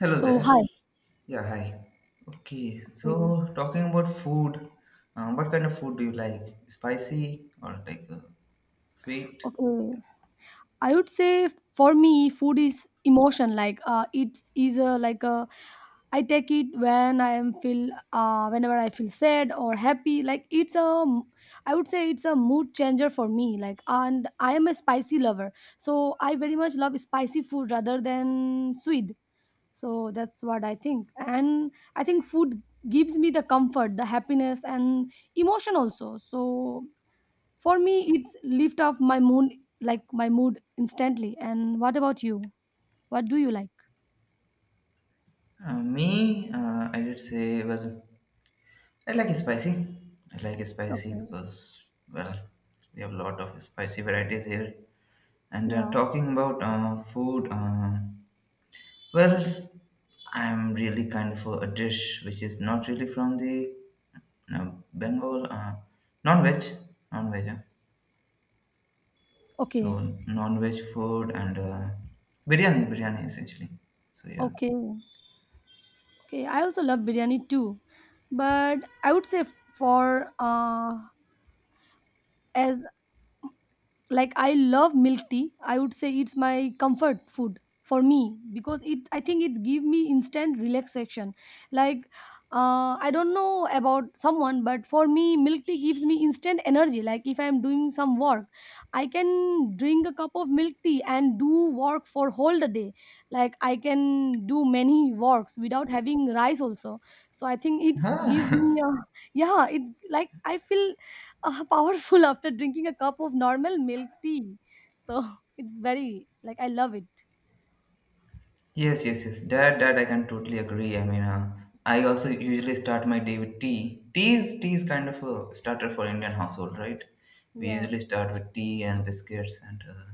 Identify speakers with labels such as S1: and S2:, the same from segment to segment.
S1: Hello
S2: So
S1: there.
S2: hi.
S1: Yeah, hi. Okay,
S2: Okay.
S1: so talking about food, what kind of food do you like? Spicy or sweet?
S2: Okay. I would say for me, food is emotion. Like it's a like a. I take it when I am feel whenever I feel sad or happy. Like I would say it's a mood changer for me. Like and I am a spicy lover, so I very much love spicy food rather than sweet. So that's what I think, and I think food gives me the comfort, the happiness, and emotion also. So for me, it's lift up my mood, like my mood instantly. And what about you? What do you like?
S1: I did say, I like spicy. I like spicy
S2: Okay.
S1: because, well, we have a lot of spicy varieties here. And
S2: Yeah.
S1: talking about food, well, I'm really kind of a dish which is not really from the no, Bengal, non-veg, non-veg. Huh? So
S2: Okay.
S1: non-veg food and biryani, biryani essentially. So yeah.
S2: Okay. Okay. I also love biryani too, but I would say for as like I love milk tea. I would say it's my comfort food for me because it I think it give me instant relaxation. Like I don't know about someone, but for me milk tea gives me instant energy. Like if I'm doing some work, I can drink a cup of milk tea and do work for whole the day. Like I can do many works without having rice also. So I think it's gives
S1: Huh.
S2: me a yeah, it's like I feel powerful after drinking a cup of normal milk tea. So it's very like I love it.
S1: Yes, yes, yes. That I can totally agree. I mean, I also usually start my day with tea. Tea is kind of a starter for Indian household, right? We usually
S2: Yes.
S1: start with tea and biscuits and. Uh,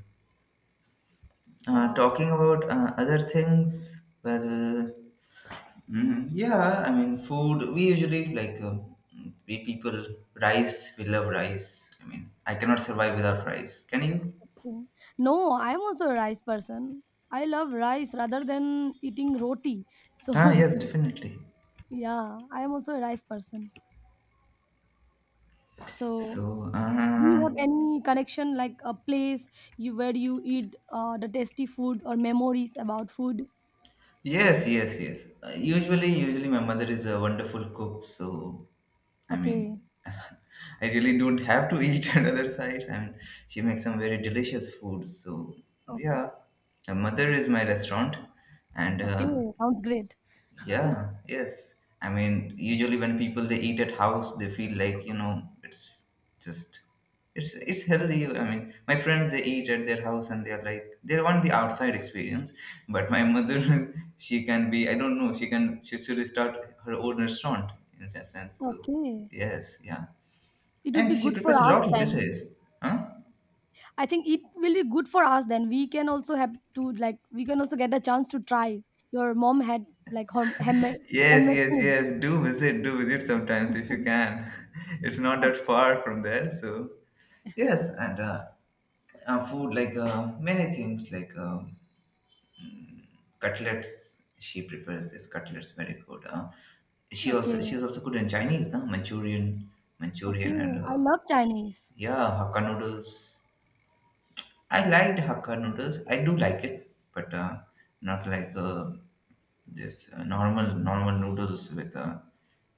S1: uh,
S2: Yeah.
S1: Talking about other things, well, yeah, I mean, food. We usually like we people rice. We love rice. I mean, I cannot survive without rice. Can you?
S2: Mm. No, I'm also a rice person. I love rice rather than eating roti.
S1: Ah,
S2: So
S1: yes, definitely.
S2: yeah, I am also a rice person. So
S1: So,
S2: do you have any connection like a place you where you eat the tasty food or memories about food?
S1: yes, yes, yes. Usually my mother is a wonderful cook. So, I mean,
S2: Okay.
S1: I really don't have to eat another sides. I mean, she makes some very delicious food. So,
S2: Okay.
S1: yeah, my mother is my restaurant, and
S2: Okay. Sounds great.
S1: yeah, yes. I mean, usually when people they eat at house, they feel like, you know, it's just it's healthy. I mean, my friends they eat at their house and they're like they want the outside experience. But my mother, she can be I don't know, she should start her own restaurant in that sense. So
S2: Okay.
S1: yes, yeah.
S2: It would be
S1: And she
S2: good for
S1: prepares a
S2: us
S1: lot of
S2: then.
S1: dishes. Huh?
S2: I think it will be good for us then. We can also have to like we can also get a chance to try. Your mom had like her handmade
S1: Yes,
S2: handmade
S1: yes,
S2: food.
S1: yes. Do visit sometimes if you can. It's not
S2: Yeah.
S1: that far from there, so yes, and food like many things like cutlets, she prepares this cutlets very good, she also
S2: Okay.
S1: she's also good in Chinese, no? Manchurian, manchurian
S2: Okay.
S1: and
S2: I love Chinese.
S1: yeah, hakka noodles. I liked hakka noodles, I do like it, but not like this normal noodles with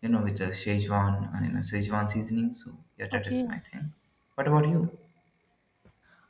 S1: you know, with a Szechuan, you know, Szechuan seasoning. So yeah, that is
S2: Okay.
S1: my thing. What about you?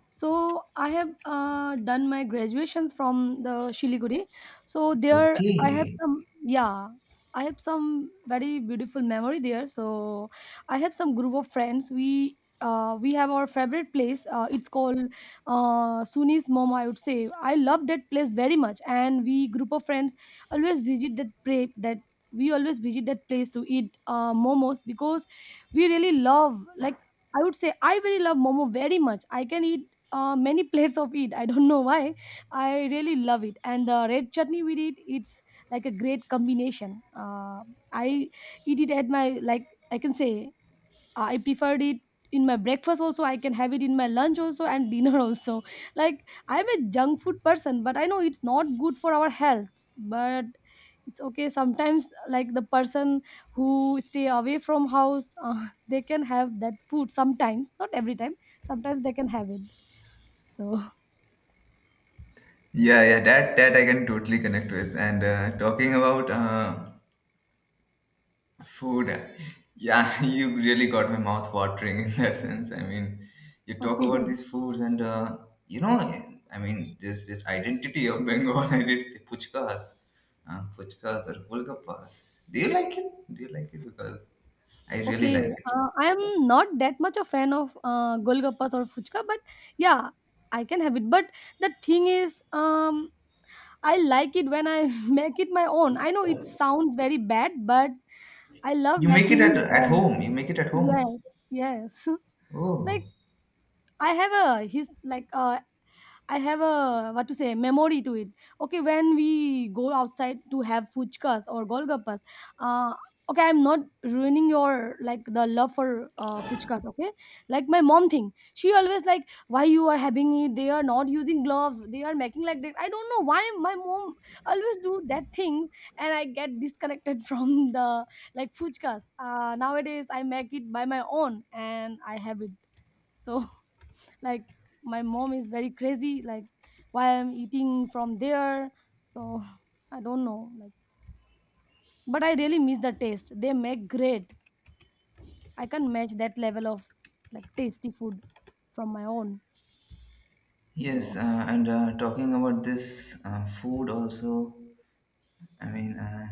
S2: So I have done my graduations from the Shiliguri. So there I have
S1: Okay.
S2: some yeah, I have some very beautiful memory there. So I have some group of friends. We have our favorite place. It's called Suni's Mom. I would say I love that place very much, and we group of friends always that we always visit that place to eat momos because we really love like I would say I very love momo very much. I can eat many plates of it. I don't know why. I really love it, and the red chutney with it, it's like a great combination. I eat it at my like I can say I preferred it in my breakfast also. I can have it in my lunch also and dinner also. Like I'm a junk food person, but I know it's not good for our health. But it's okay sometimes like the person who stay away from house they can have that food sometimes, not every time, sometimes they can have it. So
S1: Yeah, yeah, that I can totally connect with. And talking about food, yeah, you really got my mouth watering in that sense. I mean, you talk
S2: okay.
S1: about these foods, and you know, I mean, this identity of Bengal. I did say puchkas, puchkas or golgappas. Do you like it? Do you like it? Because I really
S2: Okay.
S1: like it.
S2: I am not that much a fan of golgappas or fuchka, but yeah, I can have it. But the thing is, I like it when I make it my own. I know it sounds very bad, but I love
S1: You make it
S2: making
S1: at
S2: it
S1: at
S2: home.
S1: home. You make it at
S2: Yes.
S1: home.
S2: Yes.
S1: Oh
S2: Like I have a his like uh I have a what to say memory to it. Okay, when we go outside to have fuchkas or golgappas, uh, okay, I'm not ruining your like the love for fuchkas. Okay, like my mom thing, she always like why you are having it. They are not using gloves. They are making like that. I don't know why my mom always do that thing, and I get disconnected from the like fuchkas. Nowadays I make it by my own and I have it. So like my mom is very crazy like why I'm eating from there. So I don't know like, but I really miss the taste. They make great. I can match that level of like tasty food from my own.
S1: yes,
S2: So
S1: and talking about this food also. I mean,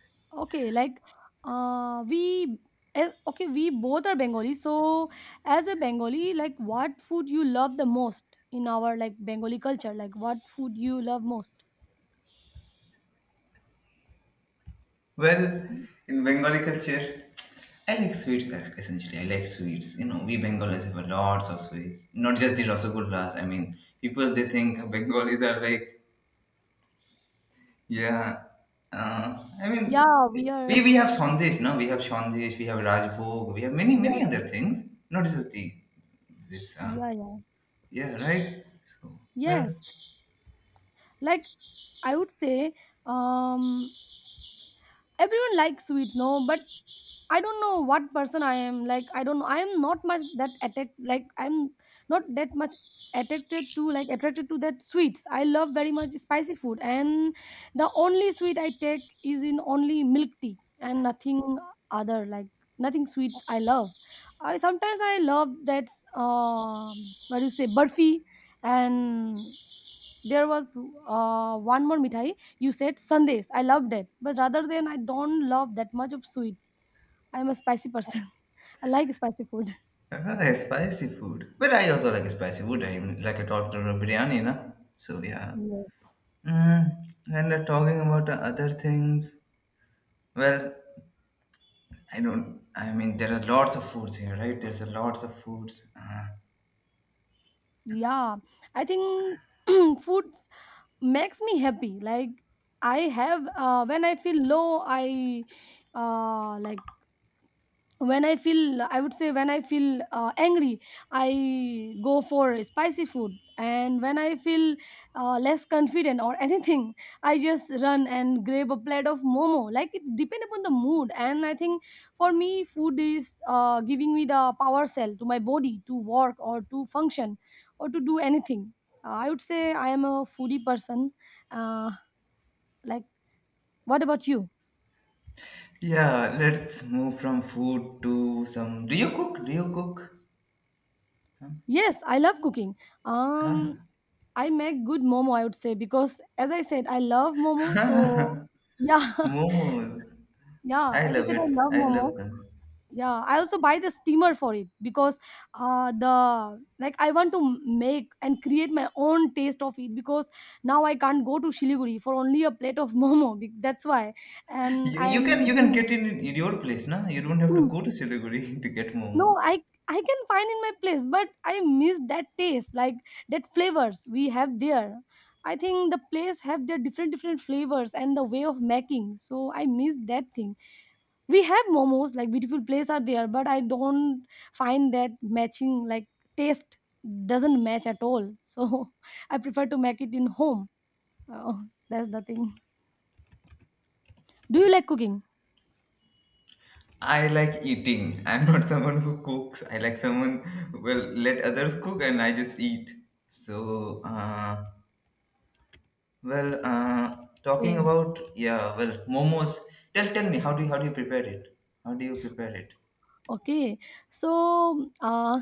S2: okay, like we okay, we both are Bengali. So as a Bengali, like what food you love the most in our like Bengali culture, like what food you love most?
S1: well,
S2: Mm.
S1: in Bengali culture, I like sweets es- essentially. I like sweets. You know, we Bengalis have lots of sweets, not just the
S2: Oh,
S1: rasagullas. I mean, people they think Bengalis are like, yeah. I mean,
S2: yeah, we are
S1: we have sandesh, no? We have sandesh, we have rajbhog, we have many other
S2: yes,
S1: things. Not just the this.
S2: yeah, yeah,
S1: Yeah, right. So well,
S2: yes. Like I would say um everyone likes sweets, no? But I don't know what person I am. Like I don't know, I am not much that attack like I'm not that much attracted to that sweets. I love very much spicy food, and the only sweet I take is in only milk tea and nothing other, like nothing sweets I love. I sometimes I love that what do you say, burfi, and there was one more mithai you said, sandesh. I loved it, but rather than I don't love that much of sweet. I'm a spicy person. I like spicy food.
S1: well, I like spicy food. But I also like spicy food. I talked about biryani, na. So yeah.
S2: Yes,
S1: And talking about the other things, well, I don't. I mean, there are lots of foods here, right? There's a lots of foods.
S2: yeah, I think foods makes me happy. Like I have when I feel low, I uh, like when I feel, I would say, when I feel angry, I go for spicy food. And when I feel less confident or anything, I just run and grab a plate of momo. Like it depends upon the mood, and I think for me food is giving me the power cell to my body to work or to function or to do anything. I would say I am a foodie person. uh, like what about you?
S1: Yeah, let's move from food to some. Do you cook? Do you cook?
S2: Yes, I love cooking.
S1: Huh?
S2: um I make good momo, I would say, because as I said, I love momo. So yeah,
S1: Momos.
S2: yeah.
S1: I
S2: As I
S1: love
S2: said, I
S1: it.
S2: love
S1: I love
S2: momo.
S1: them.
S2: Yeah, I also buy the steamer for it because the like I want to make and create my own taste of it because now I can't go to Shiliguri for only a plate of momo. That's why, and
S1: You,
S2: I
S1: you can
S2: am
S1: you can
S2: doing.
S1: get in your place, na? You don't have to go to Siliguri to get
S2: No,
S1: momos.
S2: I can find in my place, but I miss that taste, like that flavors we have there. I think the place have their different different flavors and the way of making. So I miss that thing. We have momos, like beautiful place are there, but I don't find that matching like taste doesn't match at all. So I prefer to make it in home. Oh, that's the thing. Do you like cooking?
S1: I like eating. I'm not someone who cooks. I like someone who will let others cook and I just eat. So, well, talking
S2: Okay.
S1: about yeah, well, momos. Tell me, how do you prepare it? How do you prepare it?
S2: Okay. So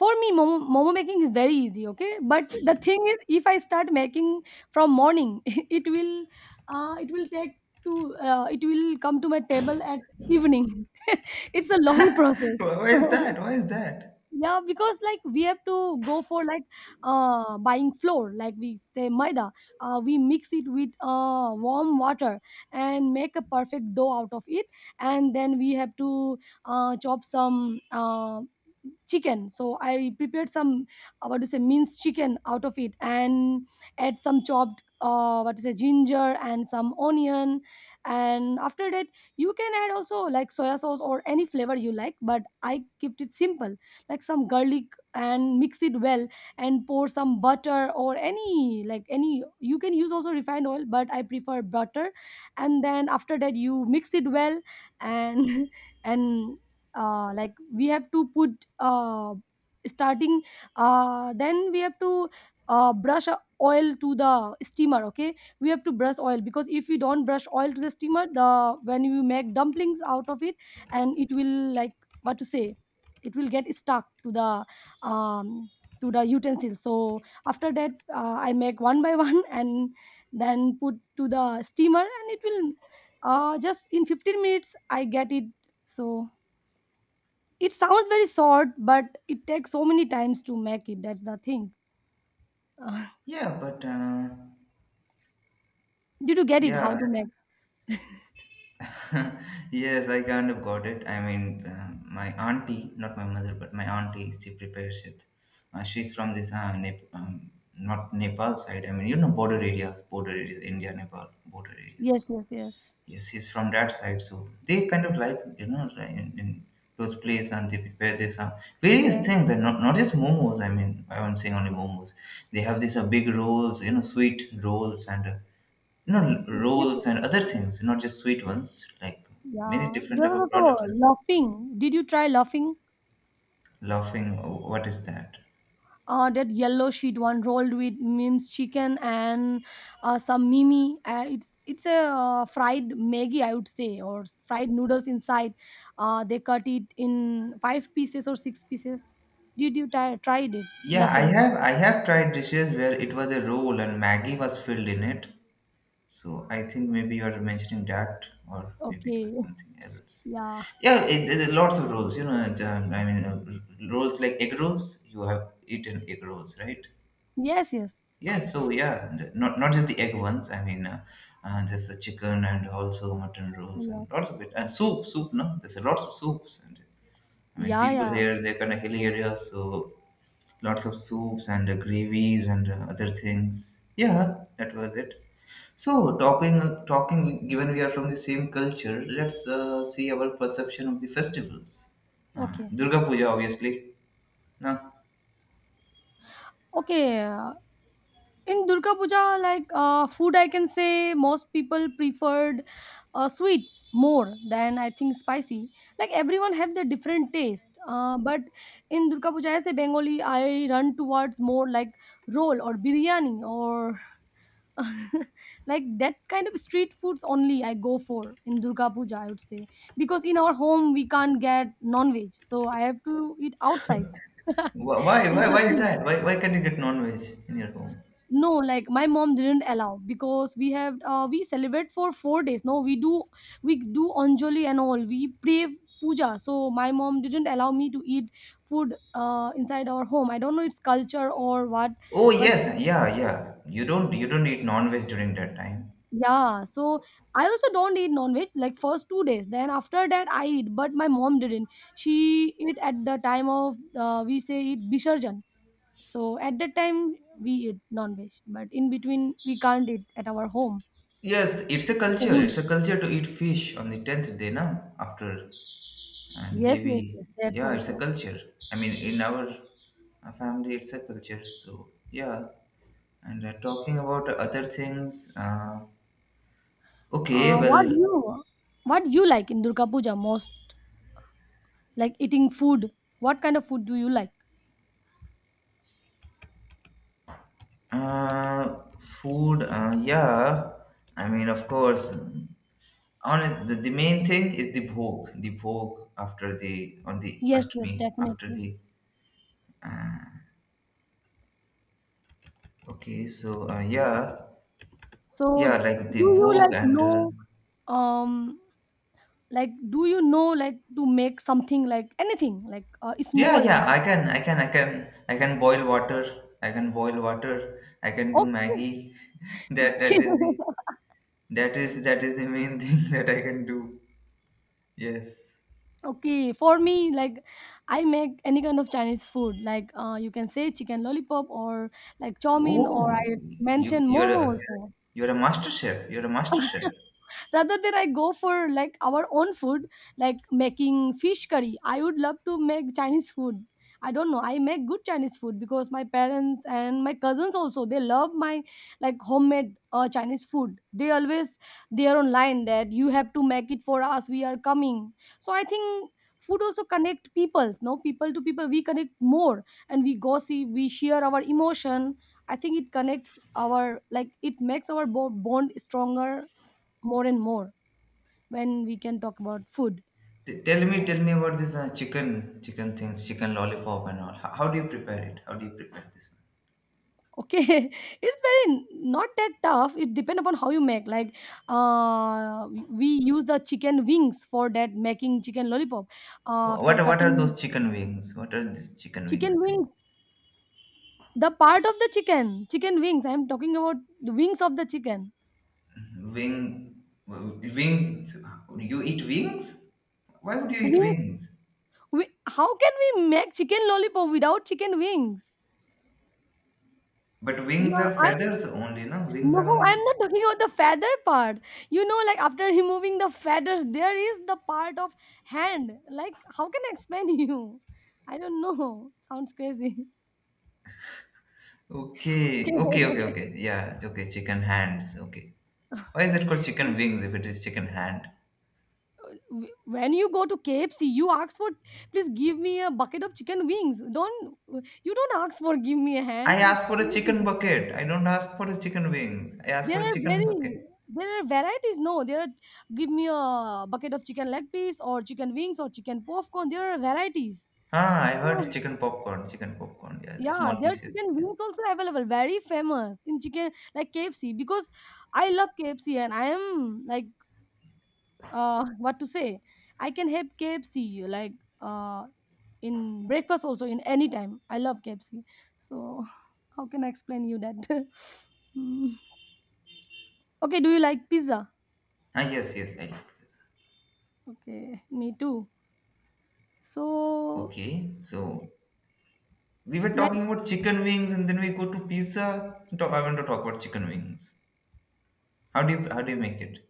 S2: for me, momo making is very easy, okay? But the thing is, if I start making from morning, it will take to, it will come to my table at evening. It's a long process.
S1: Why is that? Why is that?
S2: Yeah, because like we have to go for like buying flour, like we say maida. We mix it with warm water and make a perfect dough out of it. And then we have to chop some chicken. So I prepared some what to say, minced chicken out of it and add some chopped what to say, ginger and some onion. And after that, you can add also like soya sauce or any flavor you like, but I kept it simple, like some garlic, and mix it well and pour some butter or any like any, you can use also refined oil, but I prefer butter. And then after that, you mix it well, and and we have to put starting then we have to brush a oil to the steamer, okay? We have to brush oil because if you don't brush oil to the steamer, the when you make dumplings out of it, and it will like what to say, it will get stuck um, to the utensil. So after that, I make one by one and then put to the steamer, and it will just in 15 minutes I get it. So it sounds very short, but it takes so many times to make it. That's the thing.
S1: Yeah, but
S2: Did you get it how
S1: yeah,
S2: to make?
S1: yes, I kind of got it. I mean, my auntie, not my mother, but my auntie, she prepares it. She's from this, not Nepal side. I mean, you know, border areas, India, Nepal, border areas.
S2: Yes,
S1: So,
S2: yes, yes,
S1: yes, she's from that side. So, they kind of like, you know, like in those places and they prepare this, various
S2: yes,
S1: things and not just momos. I mean, I'm saying only momos. They have these big rolls, you know, sweet rolls and you know,
S2: yes,
S1: rolls
S2: yes,
S1: and other things, not just sweet ones, like many
S2: yeah,
S1: different
S2: there
S1: type of
S2: was
S1: products.
S2: also laughing. Did you try laughing?
S1: Laughing, what is that?
S2: That yellow sheet one rolled with minced chicken and some mimi. It's a fried maggi, I would say, or fried noodles inside. They cut it in five pieces or six pieces. Did you try tried it?
S1: Yeah,
S2: Laughing.
S1: I have tried dishes where it was a roll and Maggie was filled in it. So I think maybe you are mentioning that, or maybe it was
S2: Okay.
S1: something else.
S2: Yeah.
S1: Yeah, lots of rolls. You know, and, I mean, rolls like egg rolls. You have eaten egg rolls, right?
S2: Yes. Yes.
S1: Yeah, so yeah, and not just the egg ones. I mean, there's the chicken and also mutton rolls and
S2: Yes.
S1: lots of it and soup, soup. No, there's a lots of soups and I mean
S2: Yeah.
S1: people
S2: Yeah.
S1: here they're kind of hilly areas, so lots of soups and gravies and other things. Yeah, that was it. So given we are from the same culture, let's see our perception of the festivals.
S2: Okay.
S1: Durga Puja, obviously. No,
S2: Okay. In Durga Puja, like, food, I can say most people preferred sweet more than, I think, spicy. Like, everyone have their different taste, but in Durga Puja, as a Bengali, I run towards more like roll or biryani or like that kind of street foods only I go for in Durga Puja, I would say. Because in our home we can't get non-veg, so I have to eat outside. That's
S1: Wh- why why
S2: the
S1: why is
S2: thing.
S1: that? Why can't you get non-veg in your home?
S2: No, like, my mom didn't allow because we have we celebrate for 4 days. No, we do anjali and all, we pray puja, so my mom didn't allow me to eat food inside our home. I don't know, it's culture or what.
S1: Oh
S2: But
S1: yes, yeah, yeah. You don't eat non-veg during that time.
S2: yeah, so I also don't eat non-veg like first 2 days, then after that I eat, but my mom didn't. She eat at the time of, we say it bisharjan. So at that time we eat non-veg, but in between we can't eat at our home.
S1: Yes, it's a
S2: It's a
S1: culture.
S2: rule.
S1: It's a culture to eat fish on the tenth day, na? After and
S2: Yes, yes,
S1: Devi.
S2: yes, that's
S1: Yeah, it's a
S2: also.
S1: culture. I mean, in our family, it's a culture. So yeah. And talking about other things. Okay,
S2: Uh, what do
S1: well,
S2: you what do you like in Durga Puja most? Like eating food. What kind of food do you like?
S1: uh, food. Yeah. I mean, of course. Honest, the main thing is the bhog after the on the
S2: Yes, yes,
S1: Ashtami after
S2: definitely.
S1: the uh, okay. So yeah,
S2: So
S1: yeah, like the
S2: do you
S1: bhog
S2: like
S1: and
S2: know, um like, do you know like to make something, like anything, like
S1: yeah,
S2: small?
S1: yeah. I can boil water. I can boil water. I can do
S2: Okay.
S1: Maggie. that
S2: Okay,
S1: that is the that is the main thing that I can do. Yes.
S2: okay, for me, like, I make any kind of Chinese food, like, you can say chicken lollipop or like chow mein, or
S1: Oh,
S2: I
S1: you
S2: mention
S1: you're
S2: momo
S1: a
S2: also,
S1: you're a master chef. You're a master chef.
S2: rather than I go for like our own food. Like, making fish curry, I would love to make Chinese food. I don't know, I make good Chinese food because my parents and my cousins also, they love my like homemade Chinese food. They always, they are online that you have to make it for us, we are coming. So I think food also connect peoples, no, people to people we connect more, and we gossip, we share our emotion. I think it connects our, like it makes our bo- bond stronger, more and more, when we can talk about food. Oh,
S1: Tell me about this chicken things, chicken lollipop and all. How do you prepare it? How do you prepare this
S2: okay. It's very not that tough, it depends upon how you make. Like, we use the chicken wings for that, making chicken lollipop.
S1: one?
S2: After
S1: What are
S2: cutting
S1: those chicken wings? What are these chicken wings
S2: chicken
S1: thing?
S2: wings, the part of the chicken wings I'm talking about, the wings of the chicken.
S1: Wing wings. You eat wings? Why would you eat
S2: Wing,
S1: wings?
S2: we, how can we make chicken lollipop without chicken wings?
S1: But wings
S2: Yeah
S1: are
S2: I
S1: feathers only, no? Wings are
S2: No,
S1: only.
S2: I'm not talking about the feather part. You know, like after removing the feathers, there is the part of hand. Like, how can I explain you? I don't know. Sounds crazy. Okay.
S1: Okay. Yeah, okay. Chicken hands. Okay. Why is it called chicken wings if it is chicken hand?
S2: When you go to KFC, you ask for, please give me a bucket of chicken wings. Don't, you don't ask for give me a hand.
S1: I
S2: It's
S1: asked for a chicken
S2: crazy.
S1: bucket. I don't ask for a chicken wings. I asked
S2: there
S1: for a
S2: are
S1: chicken
S2: very
S1: bucket.
S2: there are varieties. No, there are, give me a bucket of chicken leg piece or chicken wings or chicken popcorn. There are varieties.
S1: Ah, I
S2: So,
S1: heard chicken popcorn, yeah,
S2: yeah,
S1: small
S2: their
S1: pieces.
S2: chicken
S1: Yeah.
S2: wings also available, very famous in chicken like KFC because I love KFC, and I am like, what to say? I can have KFC like uh in breakfast also, in any time. I love KFC. So how can I explain you that? Mm. Okay, do you like pizza?
S1: Ah, yes, yes, I like this.
S2: Okay, me too. So
S1: Okay, so we were
S2: like,
S1: talking about chicken wings, and then we go to pizza. Talk, I want to talk about chicken wings. How do you make it?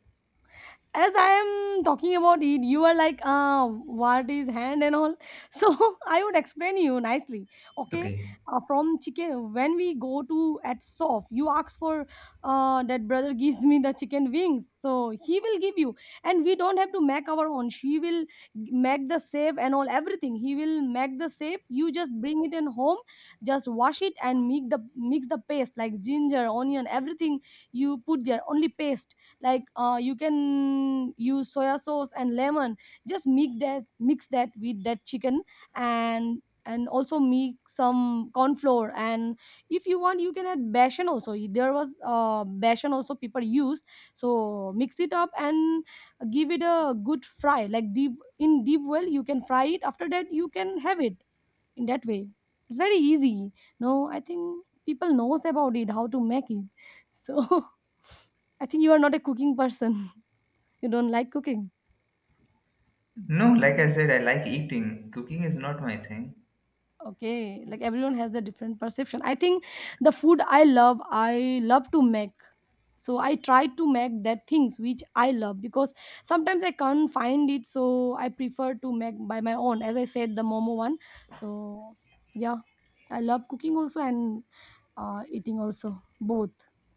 S2: as I am talking about it, you are like, what is hand and all. So I would explain you nicely. Okay,
S1: Okay.
S2: from chicken, when we go to at soft, you ask for, that brother gives me the chicken wings, so he will give you, and we don't have to make our own. She will g- make the save and all everything. He will make the save. You just bring it in home, just wash it and make the mix the paste like ginger, onion, everything you put there. Only paste, like you can use soya sauce and lemon, just mix that with that chicken, and also mix some corn flour, and if you want, you can add besan also. There was besan also people use. So mix it up and give it a good fry, like deep, in deep well you can fry it. After that you can have it in that way. It's very easy. No, I think people knows about it, how to make it. So I think you are not a cooking person. You don't like cooking.
S1: No, like I said, I like eating. Cooking is not my thing.
S2: Okay. Like everyone has their different perception. I think the food I love to make. So I try to make that things which I love, because sometimes I can't find it. So I prefer to make by my own. As I said, the momo one. So yeah. I love cooking also and eating also, both.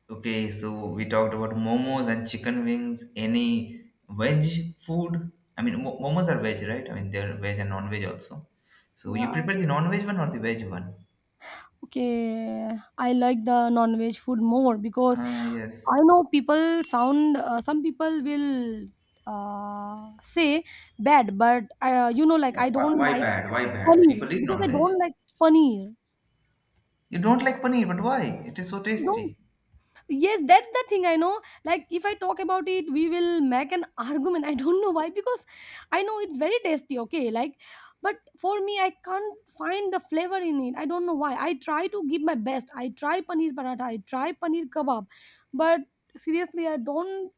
S1: Okay, so we talked about momos and chicken wings. Any veg food? I mean, momos are veg, right? I mean, they're veg and non-veg also. So you
S2: Yeah.
S1: prepare the non-veg one or the veg one?
S2: Okay, I like the non-veg food more because
S1: Ah, yes.
S2: I know people sound, some people will say bad, but you know, like,
S1: But
S2: I don't
S1: why
S2: like
S1: bad? Why bad?
S2: paneer
S1: People eat
S2: because I
S1: non-veg.
S2: don't like paneer.
S1: You don't like paneer, but why? It is so
S2: Don't,
S1: tasty.
S2: yes, that's the thing I know. Like, if I talk about it, we will make an argument. I don't know why, because I know it's very tasty, okay? Like, but for me, I can't find the flavor in it. I don't know why. I try to give my best. I try paneer paratha, I try paneer kebab, but seriously, I don't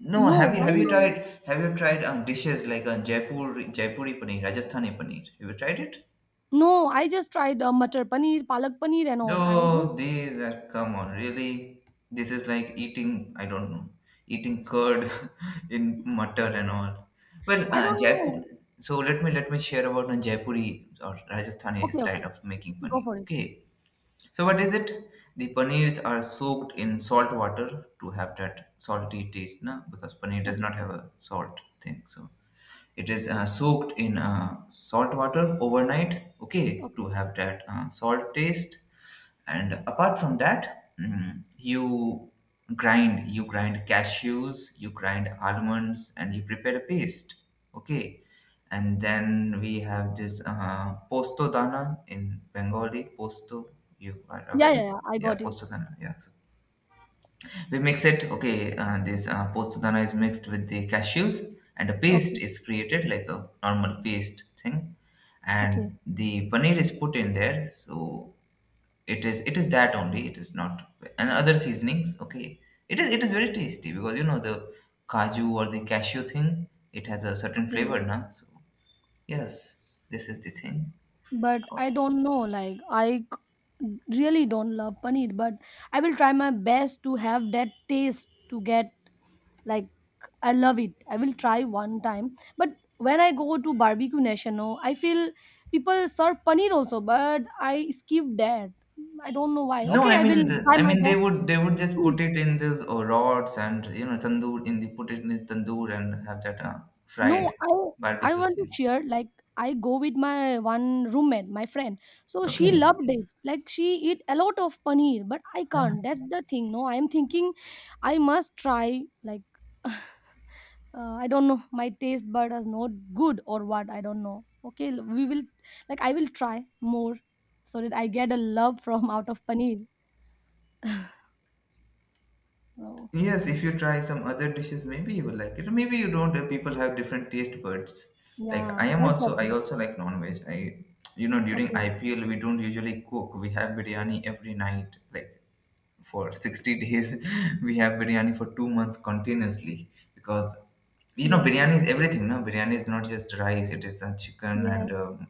S1: No,
S2: know why
S1: have you
S2: my.
S1: tried dishes like Jaipuri paneer, Rajasthani paneer? Have you tried it?
S2: No, I just tried matar paneer, palak paneer, and all. I just,
S1: No, these are come on, really. This is like eating I don't know, eating curd in mutter and all. Well,
S2: I don't
S1: Jaipur.
S2: know.
S1: So let me share about a Jaipuri or Rajasthani
S2: Okay, okay,
S1: style of making
S2: go
S1: paneer.
S2: for it.
S1: Okay, so what is it? The paneers are soaked in salt water to have that salty taste, na? Because paneer does
S2: Okay,
S1: not have a salt thing, so it is soaked in salt water overnight, okay, to
S2: okay.
S1: have that salt taste and apart from that you grind cashews, you grind almonds and you prepare a paste, okay, and then we have this posto dana. In Bengali, posto, you are aware
S2: Yeah,
S1: of
S2: yeah,
S1: it?
S2: yeah, I
S1: Yeah,
S2: got it.
S1: posto dana, yeah. We mix it, okay. This posto dana is mixed with the cashews and a paste
S2: Okay,
S1: is created like a normal paste thing
S2: okay,
S1: and the paneer is put in there, so it is that only. It is not and other seasonings, okay. It is it is very tasty because you know the kaju or the cashew thing, it has a certain
S2: okay.
S1: flavor now. So yes, this is the thing.
S2: But I don't know. Like, I c- really don't love paneer, but I will try my best to have that taste to get, like, I love it. I will try one time, but when I go to barbecue national, I feel people serve paneer also, but I skip that. I don't know why.
S1: No,
S2: Okay, I will try my
S1: they
S2: best.
S1: would they would just put it in this rods and you know tandoor in the put it in the tandoor and have that fried
S2: No, I
S1: barbecue
S2: want to
S1: thing,
S2: share, like, I go with my one roommate, my friend. So she
S1: okay.
S2: loved it. Like she eat a lot of paneer, but I
S1: Huh.
S2: can't. That's the thing. No, I am thinking I must try, like, uh, I don't know my taste bud is not good or what. I don't know. Okay, l- we will like, I will try more so that I get a love from out of paneer. So
S1: Yes, if you try some other dishes, maybe you will like it. Maybe you don't. People have different taste buds. Like I
S2: yeah,
S1: am
S2: that's the
S1: also, I
S2: thing.
S1: also like non-veg. I, you know, during
S2: Okay.
S1: IPL we don't usually cook. We have biryani every night, like for 60 days. We have biryani for 2 months continuously because you know
S2: Yes, yes,
S1: biryani is everything. No, biryani is not just rice. It is chicken and
S2: yes,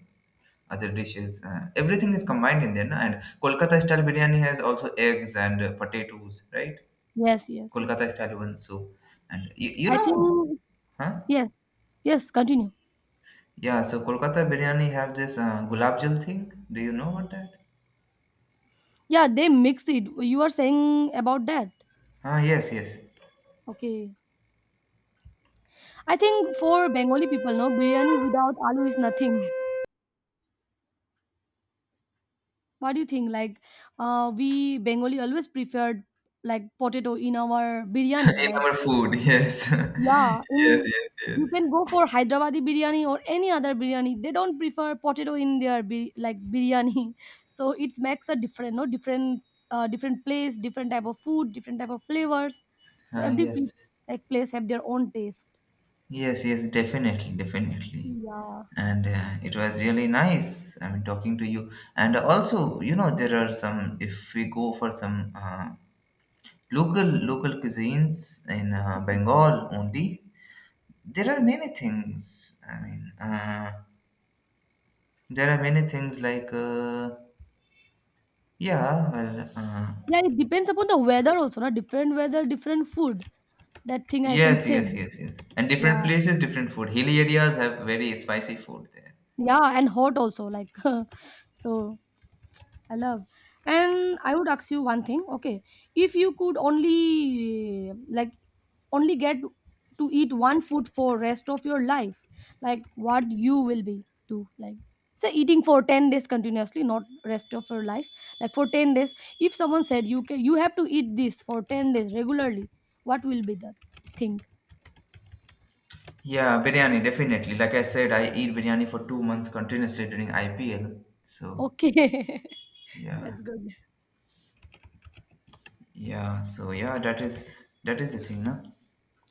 S1: other dishes. Everything is combined in there. No? And Kolkata style biryani has also eggs and potatoes, right?
S2: yes, yes, yes.
S1: Kolkata style one. So, and you
S2: I
S1: know,
S2: think
S1: huh?
S2: yes, yes. Continue.
S1: Yeah. So Kolkata biryani have this gulab jal thing. Do you know what that?
S2: Yeah, they mix it. You are saying about that?
S1: Ah, yes, yes.
S2: Okay. I think for Bengali people, no, biryani without aloo is nothing. What do you think? Like, we Bengali always preferred, like, potato in our biryani.
S1: In
S2: Like,
S1: our food, yes,
S2: yeah,
S1: yes,
S2: in
S1: yes, yes.
S2: you can go for Hyderabadi biryani or any other biryani. They don't prefer potato in their bi- like biryani. So it makes a different, no, different, different place, different type of food, different type of flavors. So
S1: Ah,
S2: every pl-
S1: yes,
S2: like place have their own taste.
S1: yes, yes. Definitely, definitely.
S2: Yeah.
S1: And it was really nice. I mean, talking to you. And also, you know, there are some. If we go for some local cuisines in Bengal only, there are many things. I mean. There are many things like, yeah, well,
S2: Yeah, it depends upon the weather also, na? Different weather, different food. That thing I can
S1: yes,
S2: say.
S1: yes, yes, yes. And different
S2: Yeah,
S1: places, different food. Hilly areas have very spicy food there.
S2: yeah, and hot also. Like, so I love. And I would ask you one thing, okay? If you could only like, only get to eat one food for rest of your life, like, what you will be do, like, say eating for 10 days continuously, not rest of your life, like for 10 days, if someone said you can, you have to eat this for 10 days regularly, what will be the thing?
S1: Yeah, biryani, definitely. Like I said, I eat biryani for 2 months continuously during IPL. So,
S2: Okay.
S1: yeah,
S2: That's good.
S1: yeah. So, yeah, that is the thing, no?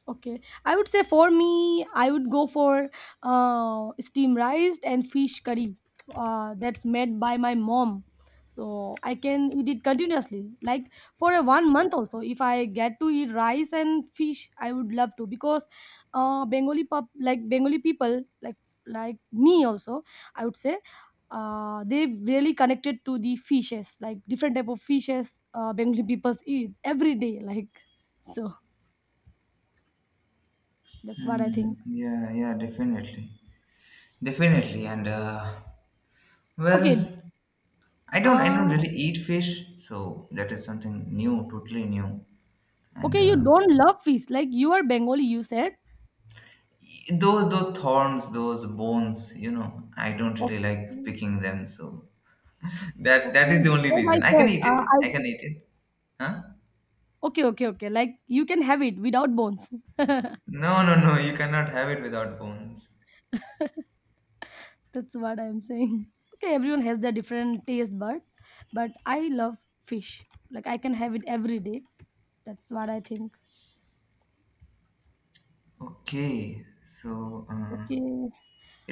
S2: Okay, I would say for me, I would go for steam rice and fish curry. That's made by my mom, so I can eat it continuously, like for a 1 month also. If I get to eat rice and fish, I would love to, because Bengali pop like Bengali people like me also, I would say they really connected to the fishes, like different type of fishes, Bengali people eat every day, like, so. That's what I
S1: Hmm.
S2: think.
S1: Yeah, yeah, definitely. Definitely. And, well,
S2: Okay.
S1: I don't
S2: Uh,
S1: really eat fish, so that is something new, totally new. And
S2: okay, you don't love fish. Like, you are Bengali, you said.
S1: those thorns, those bones, you know, I don't
S2: Okay.
S1: really like picking them. So that
S2: Okay.
S1: is the only
S2: Yes, I
S1: reason. I can
S2: said.
S1: eat it. I
S2: I.
S1: can eat it. Huh?
S2: Okay, okay, okay. Like you can have it without bones.
S1: No, no, no. You cannot have it without bones.
S2: That's what I'm saying. Okay, everyone has their different taste bud, but I love fish. Like I can have it every day. That's what I think.
S1: Okay. So.
S2: Okay.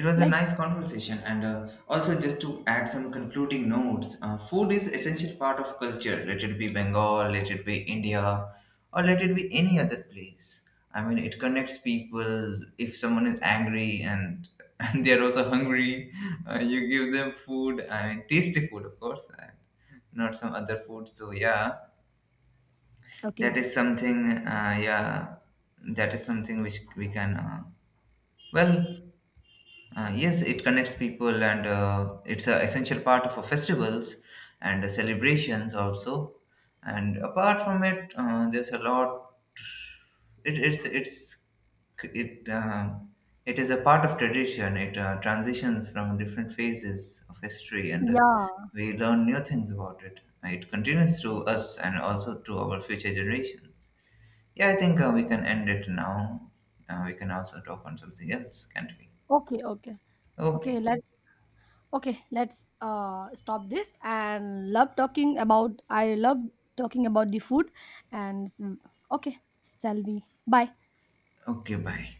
S1: It was a
S2: Like,
S1: nice conversation, and also just to add some concluding notes, food is essential part of culture. Let it be Bengal, let it be India, or let it be any other place. I mean, it connects people. If someone is angry and and they are also hungry, you give them food. I mean, tasty food, of course, and not some other food. So yeah, that
S2: okay.
S1: is something. Yeah, that is something which we can. Well, yes, it connects people and it's an essential part of our festivals and celebrations also. And apart from it, there's a lot. It, it's it it is a part of tradition. It transitions from different phases of history, and
S2: Yeah.
S1: we learn new things about it. It continues to us and also to our future generations. Yeah, I think we
S2: Yeah.
S1: can end it now. We can also talk on something else, can't we?
S2: Okay, okay. Okay,
S1: Okay.
S2: let's, okay, let's stop this. And love talking about, I love talking about the food. And mm, okay, shall we, bye.
S1: Okay, bye.